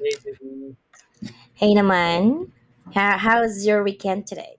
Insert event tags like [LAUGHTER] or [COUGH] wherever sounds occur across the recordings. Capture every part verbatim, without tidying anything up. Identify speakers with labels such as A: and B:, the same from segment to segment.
A: Hey, baby.
B: Hey Naman, how, how's your weekend today?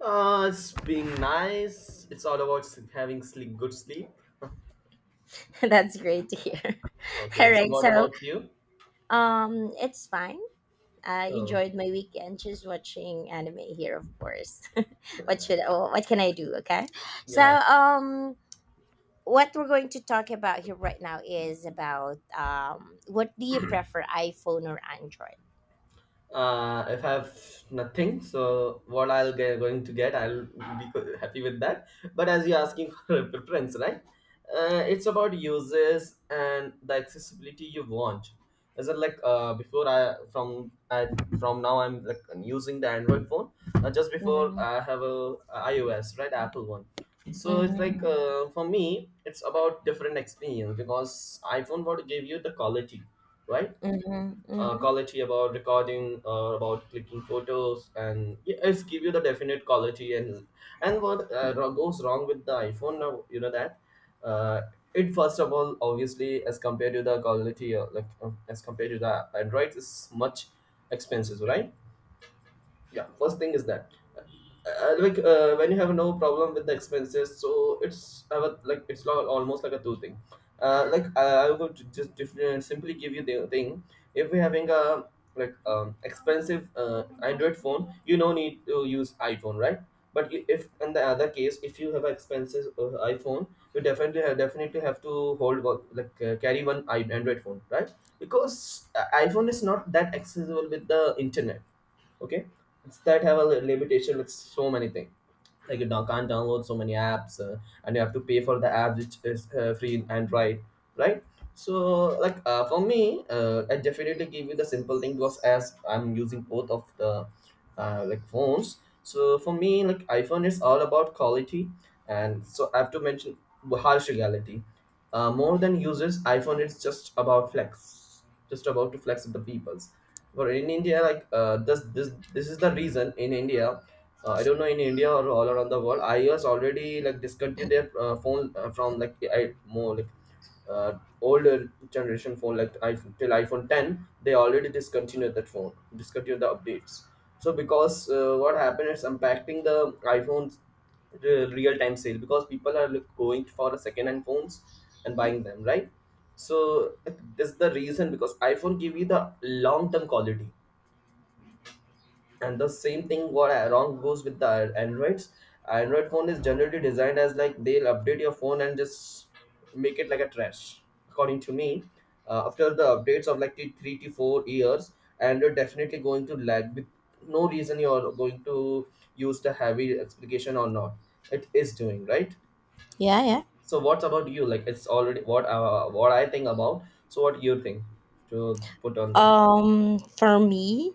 A: Uh, it's being nice. It's all about s- having sleep, good sleep.
B: [LAUGHS] That's great to hear. [LAUGHS]
A: Okay,
B: All
A: so
B: right,
A: what
B: so
A: about you?
B: um, it's fine. I
A: Oh,
B: enjoyed my weekend just watching anime here, of course. [LAUGHS] what should oh, what can I do? Okay, so
A: yeah.
B: um, what we're going to talk about here right now is about um, what do you prefer, iPhone or Android?
A: Uh, if I have nothing, so what I'll get going to get, I'll be co- happy with that. But as you're asking [LAUGHS] for a preference, right? Uh, it's about uses and the accessibility you want. As in, like uh, before, I from I from now I'm like using the Android phone. Uh, just before
B: Mm-hmm,
A: I have a uh, iOS, right, Apple one. So it's
B: mm-hmm,
A: like uh, for me, it's about different experience because iPhone want to give you the quality, right?
B: mm-hmm,
A: Uh,
B: mm-hmm.
A: quality about recording, uh, about clicking photos, and yeah, it's give you the definite quality. And and what uh, ro- goes wrong with the iPhone now, you know that uh, it, first of all, obviously as compared to the quality, uh, like uh, as compared to the Android is much expensive, right? Yeah, first thing is that, uh, uh, like uh, when you have no problem with the expenses, so it's, uh, what- like it's lo- almost like a two thing. uh, like uh, I would just different, simply give you the thing. If we're having a like um, expensive uh, Android phone, you no need to use iPhone, right? But you- if in the other case if you have expensive uh, iPhone, you definitely have, definitely have to hold one, like uh, carry one i- Android phone, right? Because uh, iPhone is not that accessible with the internet. Okay, it's that have a li- limitation with so many things, like you don't, can't download so many apps, uh, and you have to pay for the apps, which is uh, free in Android, right? So like uh, for me, uh, I definitely give you the simple thing because as I'm using both of the uh, like phones. So for me, like iPhone is all about quality. And so I have to mention harsh reality. Uh, more than users, iPhone is just about flex, just about to flex with the peoples. But in India, like uh, this this this is the reason. In India, uh, I don't know, in India or all around the world, iOS already like discontinued their uh, phone, uh, from like I more like uh, older generation phone, like iPhone till iPhone ten. They already discontinued that phone, discontinued the updates. So because uh, what happened is impacting the iPhones real time sale because people are like, going for a second hand phones and buying them, right? So that's the reason, because iPhone give you the long term quality, and the same thing what wrong goes with the Androids. Android phone is generally designed as like they'll update your phone and just make it like a trash. According to me, uh, after the updates of like t- three to four years, Android definitely going to lag with no reason you're going to use the heavy application or not. It is doing right.
B: Yeah.
A: So what's about you? Like it's already what uh, what I think about. So what you think to put on there?
B: Um, for me,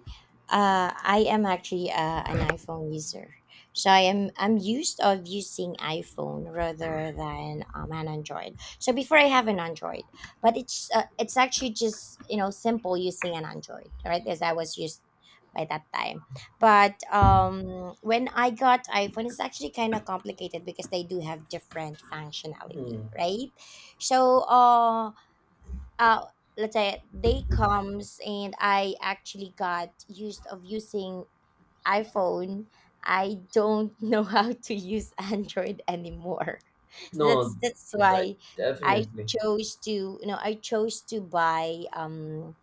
B: uh, I am actually uh, an iPhone user, so I am I'm used of using iPhone rather than um, an Android. So before I have an Android, but it's uh, it's actually just you know simple using an Android, right? As I was used by that time. But um, when I got iPhone, it's actually kind of complicated because they do have different functionality,
A: Hmm.
B: right? So uh uh let's say day comes and I actually got used of using iPhone, I don't [LAUGHS] know how to use Android anymore. [LAUGHS] So
A: No,
B: that's that's
A: right,
B: why I
A: definitely. [LAUGHS]
B: chose to you know I chose to buy um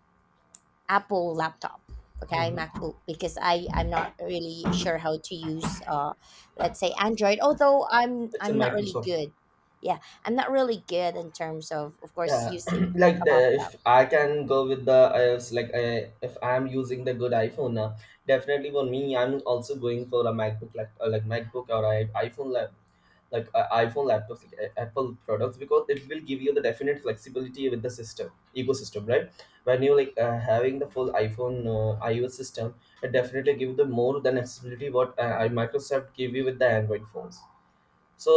B: Apple laptop, okay,
A: Mhm.
B: MacBook because I I'm not really sure how to use uh let's say Android. Although I'm
A: It's in
B: I'm not really
A: Microsoft.
B: good. Yeah, I'm not really good in terms of of course
A: Yeah, [CLEARS THROAT]
B: using
A: like
B: a
A: the,
B: laptop.
A: if I can go with the iOS, like I, if I'm using the good iPhone, uh, definitely for me, I'm also going for a MacBook, like uh, like MacBook or I, iPhone lab, like uh, iPhone laptops, like uh, Apple products, because it will give you the definite flexibility with the system ecosystem, right? When you like uh, having the full iPhone uh, iOS system, it definitely give you the more than accessibility what uh, Microsoft give you with the Android phones.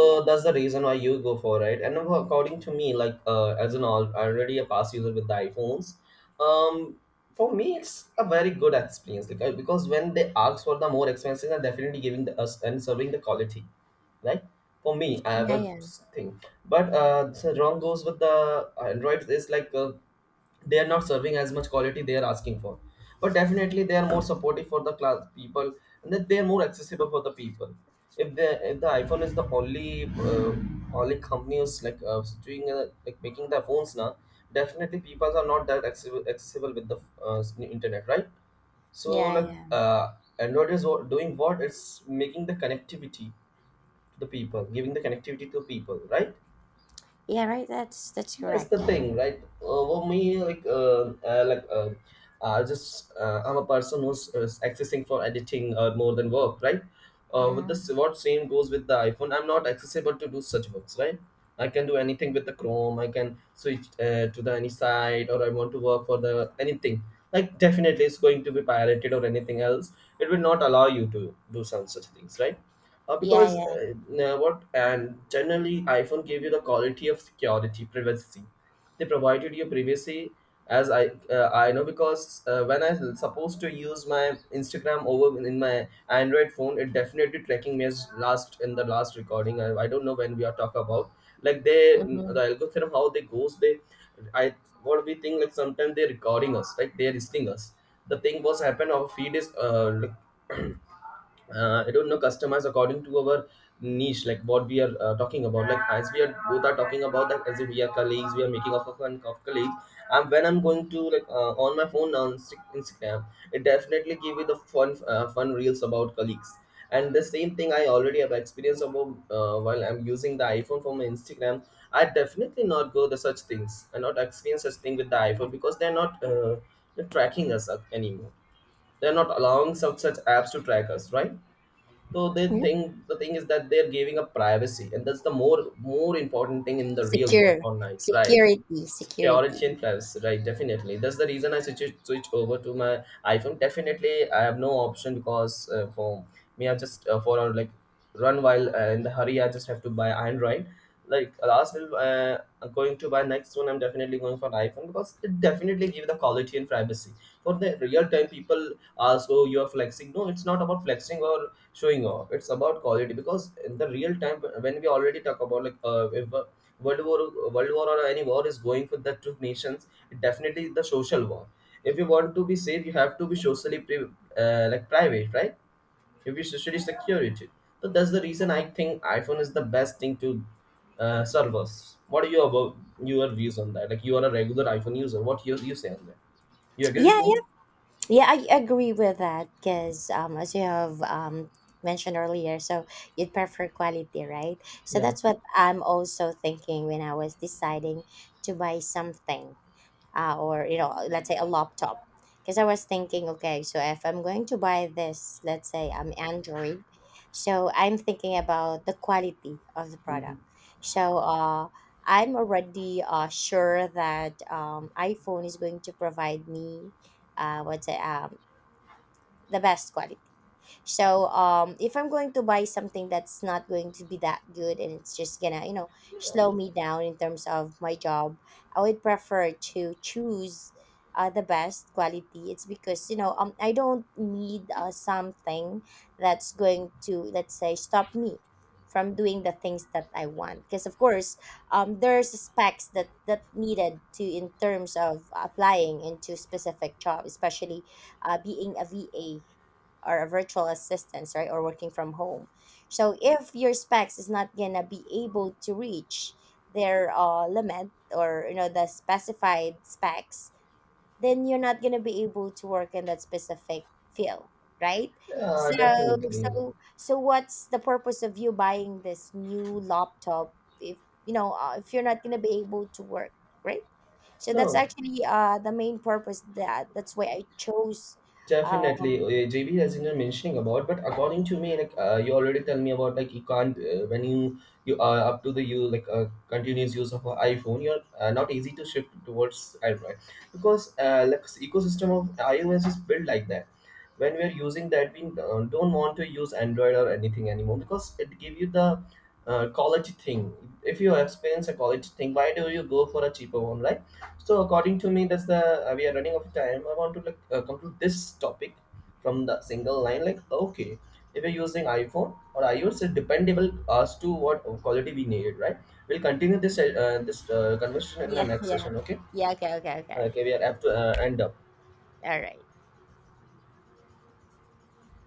B: Yeah.
A: that's the reason why you go for it, right? And now according to me, like uh, as an all already a past user with the iPhones. um for me it's a very good experience because, because when they ask for the more expenses, they're definitely giving the us and serving the quality, right? For me I have
B: Yeah,
A: a
B: yeah,
A: thing. But uh so wrong goes with the Android is like uh, they are not serving as much quality they are asking for. But definitely they are more supportive for the class people, and that they are more accessible for the people. If the if the iPhone is the only uh, only company who's like uh, doing uh, like making their phones now, definitely people are not that accessible, accessible with the uh, internet, right? So
B: yeah,
A: like
B: yeah,
A: uh, Android is what- doing what it's making the connectivity to the people, giving the connectivity to people, right?
B: yeah. Right. That's that's
A: That's
B: correct.
A: the thing, right? Uh, for me, like, uh, uh, like, uh, I just uh, I'm a person who's uh, accessing for editing uh, more than work, right? Uh, with this,
B: Mm,
A: what same goes with the iPhone. I'm not accessible to do such works, right? I can do anything with the Chrome. I can switch uh, to the any site, or I want to work for the anything. Like, definitely, it's going to be pirated or anything else. It will not allow you to do some such things, right? Uh,
B: yeah,
A: because
B: yeah.
A: uh, now what and generally iPhone gave you the quality of security privacy. They provided you privacy. As i uh, i know because uh, when I supposed to use my Instagram over in my Android phone, it definitely tracking me as last in the last recording. i, I don't know, when we are talking about, like they,
B: Hmm,
A: the algorithm how they goes. They I What we think, like sometimes they're recording us, like they're listening us. The thing was happened, our feed is uh, [CLEARS THROAT] uh, I don't know, customize according to our niche, like what we are uh, talking about. Like as we are both are talking about that, as if we are colleagues, we are making of a fun of colleagues. And when I'm going to like uh, on my phone on Inst- Instagram, it definitely give you the fun uh, fun reels about colleagues. And the same thing I already have experience about uh, while I'm using the iPhone for my Instagram. I definitely not go the such things. I not experience such thing with the iPhone because they're not uh, they're tracking us up anymore. They're not allowing some such apps to track us, right? So they
B: yeah.
A: think the thing is that they're giving up privacy, and that's the more more important thing in the real world
B: Secure,
A: online, right?
B: security,
A: Security
B: security.
A: and privacy, right? Definitely that's the reason I switch switch over to my iPhone. Definitely I have no option because uh, for me I just uh, for uh, like run while uh, in the hurry I just have to buy Android. Like last uh, uh, going to buy next one, I'm definitely going for iPhone because it definitely give the quality and privacy for the real time people. Ask, oh, you are flexing. No, it's not about flexing or showing off, it's about quality. Because in the real time when we already talk about, like uh, if uh, world war world war or any war is going for the two nations. It definitely the social war. If you want to be safe, you have to be socially pri- uh, like private, right? If you study security, so that's the reason I think iPhone is the best thing to uh, serve us. What are your about your views on that, like you are a regular iPhone user, what you you say on that? You agree with
B: Yeah,
A: me?
B: yeah, yeah, I agree with that because um, as you have um mentioned earlier, so you'd prefer quality, right? So
A: Yeah,
B: that's what I'm also thinking when I was deciding to buy something, uh, or you know let's say a laptop, because I was thinking okay, so if I'm going to buy this, let's say I'm Android, so I'm thinking about the quality of the product. So uh, I'm already uh, sure that um, iPhone is going to provide me uh, what's it, um, the best quality. So um, if I'm going to buy something that's not going to be that good and it's just gonna you know slow me down in terms of my job, I would prefer to choose uh, the best quality. It's because you know um, I don't need uh, something that's going to let's say stop me from doing the things that I want. Because of course um, there's specs that that needed to in terms of applying into specific job, especially uh, being a V A or a virtual assistant, right, or working from home. So if your specs is not gonna be able to reach their uh, limit or you know the specified specs, then you're not gonna be able to work in that specific field, right?
A: yeah,
B: So
A: definitely.
B: so so what's the purpose of you buying this new laptop if you know uh, if you're not gonna be able to work, right? So that's
A: No,
B: actually uh the main purpose, that that's why I chose uh
A: definitely, uh, J B, as you were mentioning about, but according to me, like uh, you already tell me about, like you can't uh, when you you are up to the you like uh, continuous use of an iPhone, you're uh, not easy to shift towards Android because uh, like ecosystem of iOS is built like that. When we are using that, we uh, don't want to use Android or anything anymore because it give you the uh, quality thing. If you experience a quality thing, why do you go for a cheaper one, right? So according to me, that's the uh, we are running out of time. I want to like uh, conclude this topic from the single line. Like okay, if you're using iPhone or iOS, it's dependable as to what quality we need, right? We'll continue this
B: [LAUGHS]
A: uh, this uh, conversation in the
B: yeah,
A: next
B: yeah,
A: session. Okay,
B: yeah. Okay, okay, okay,
A: okay, we are have to uh, end up.
B: all right.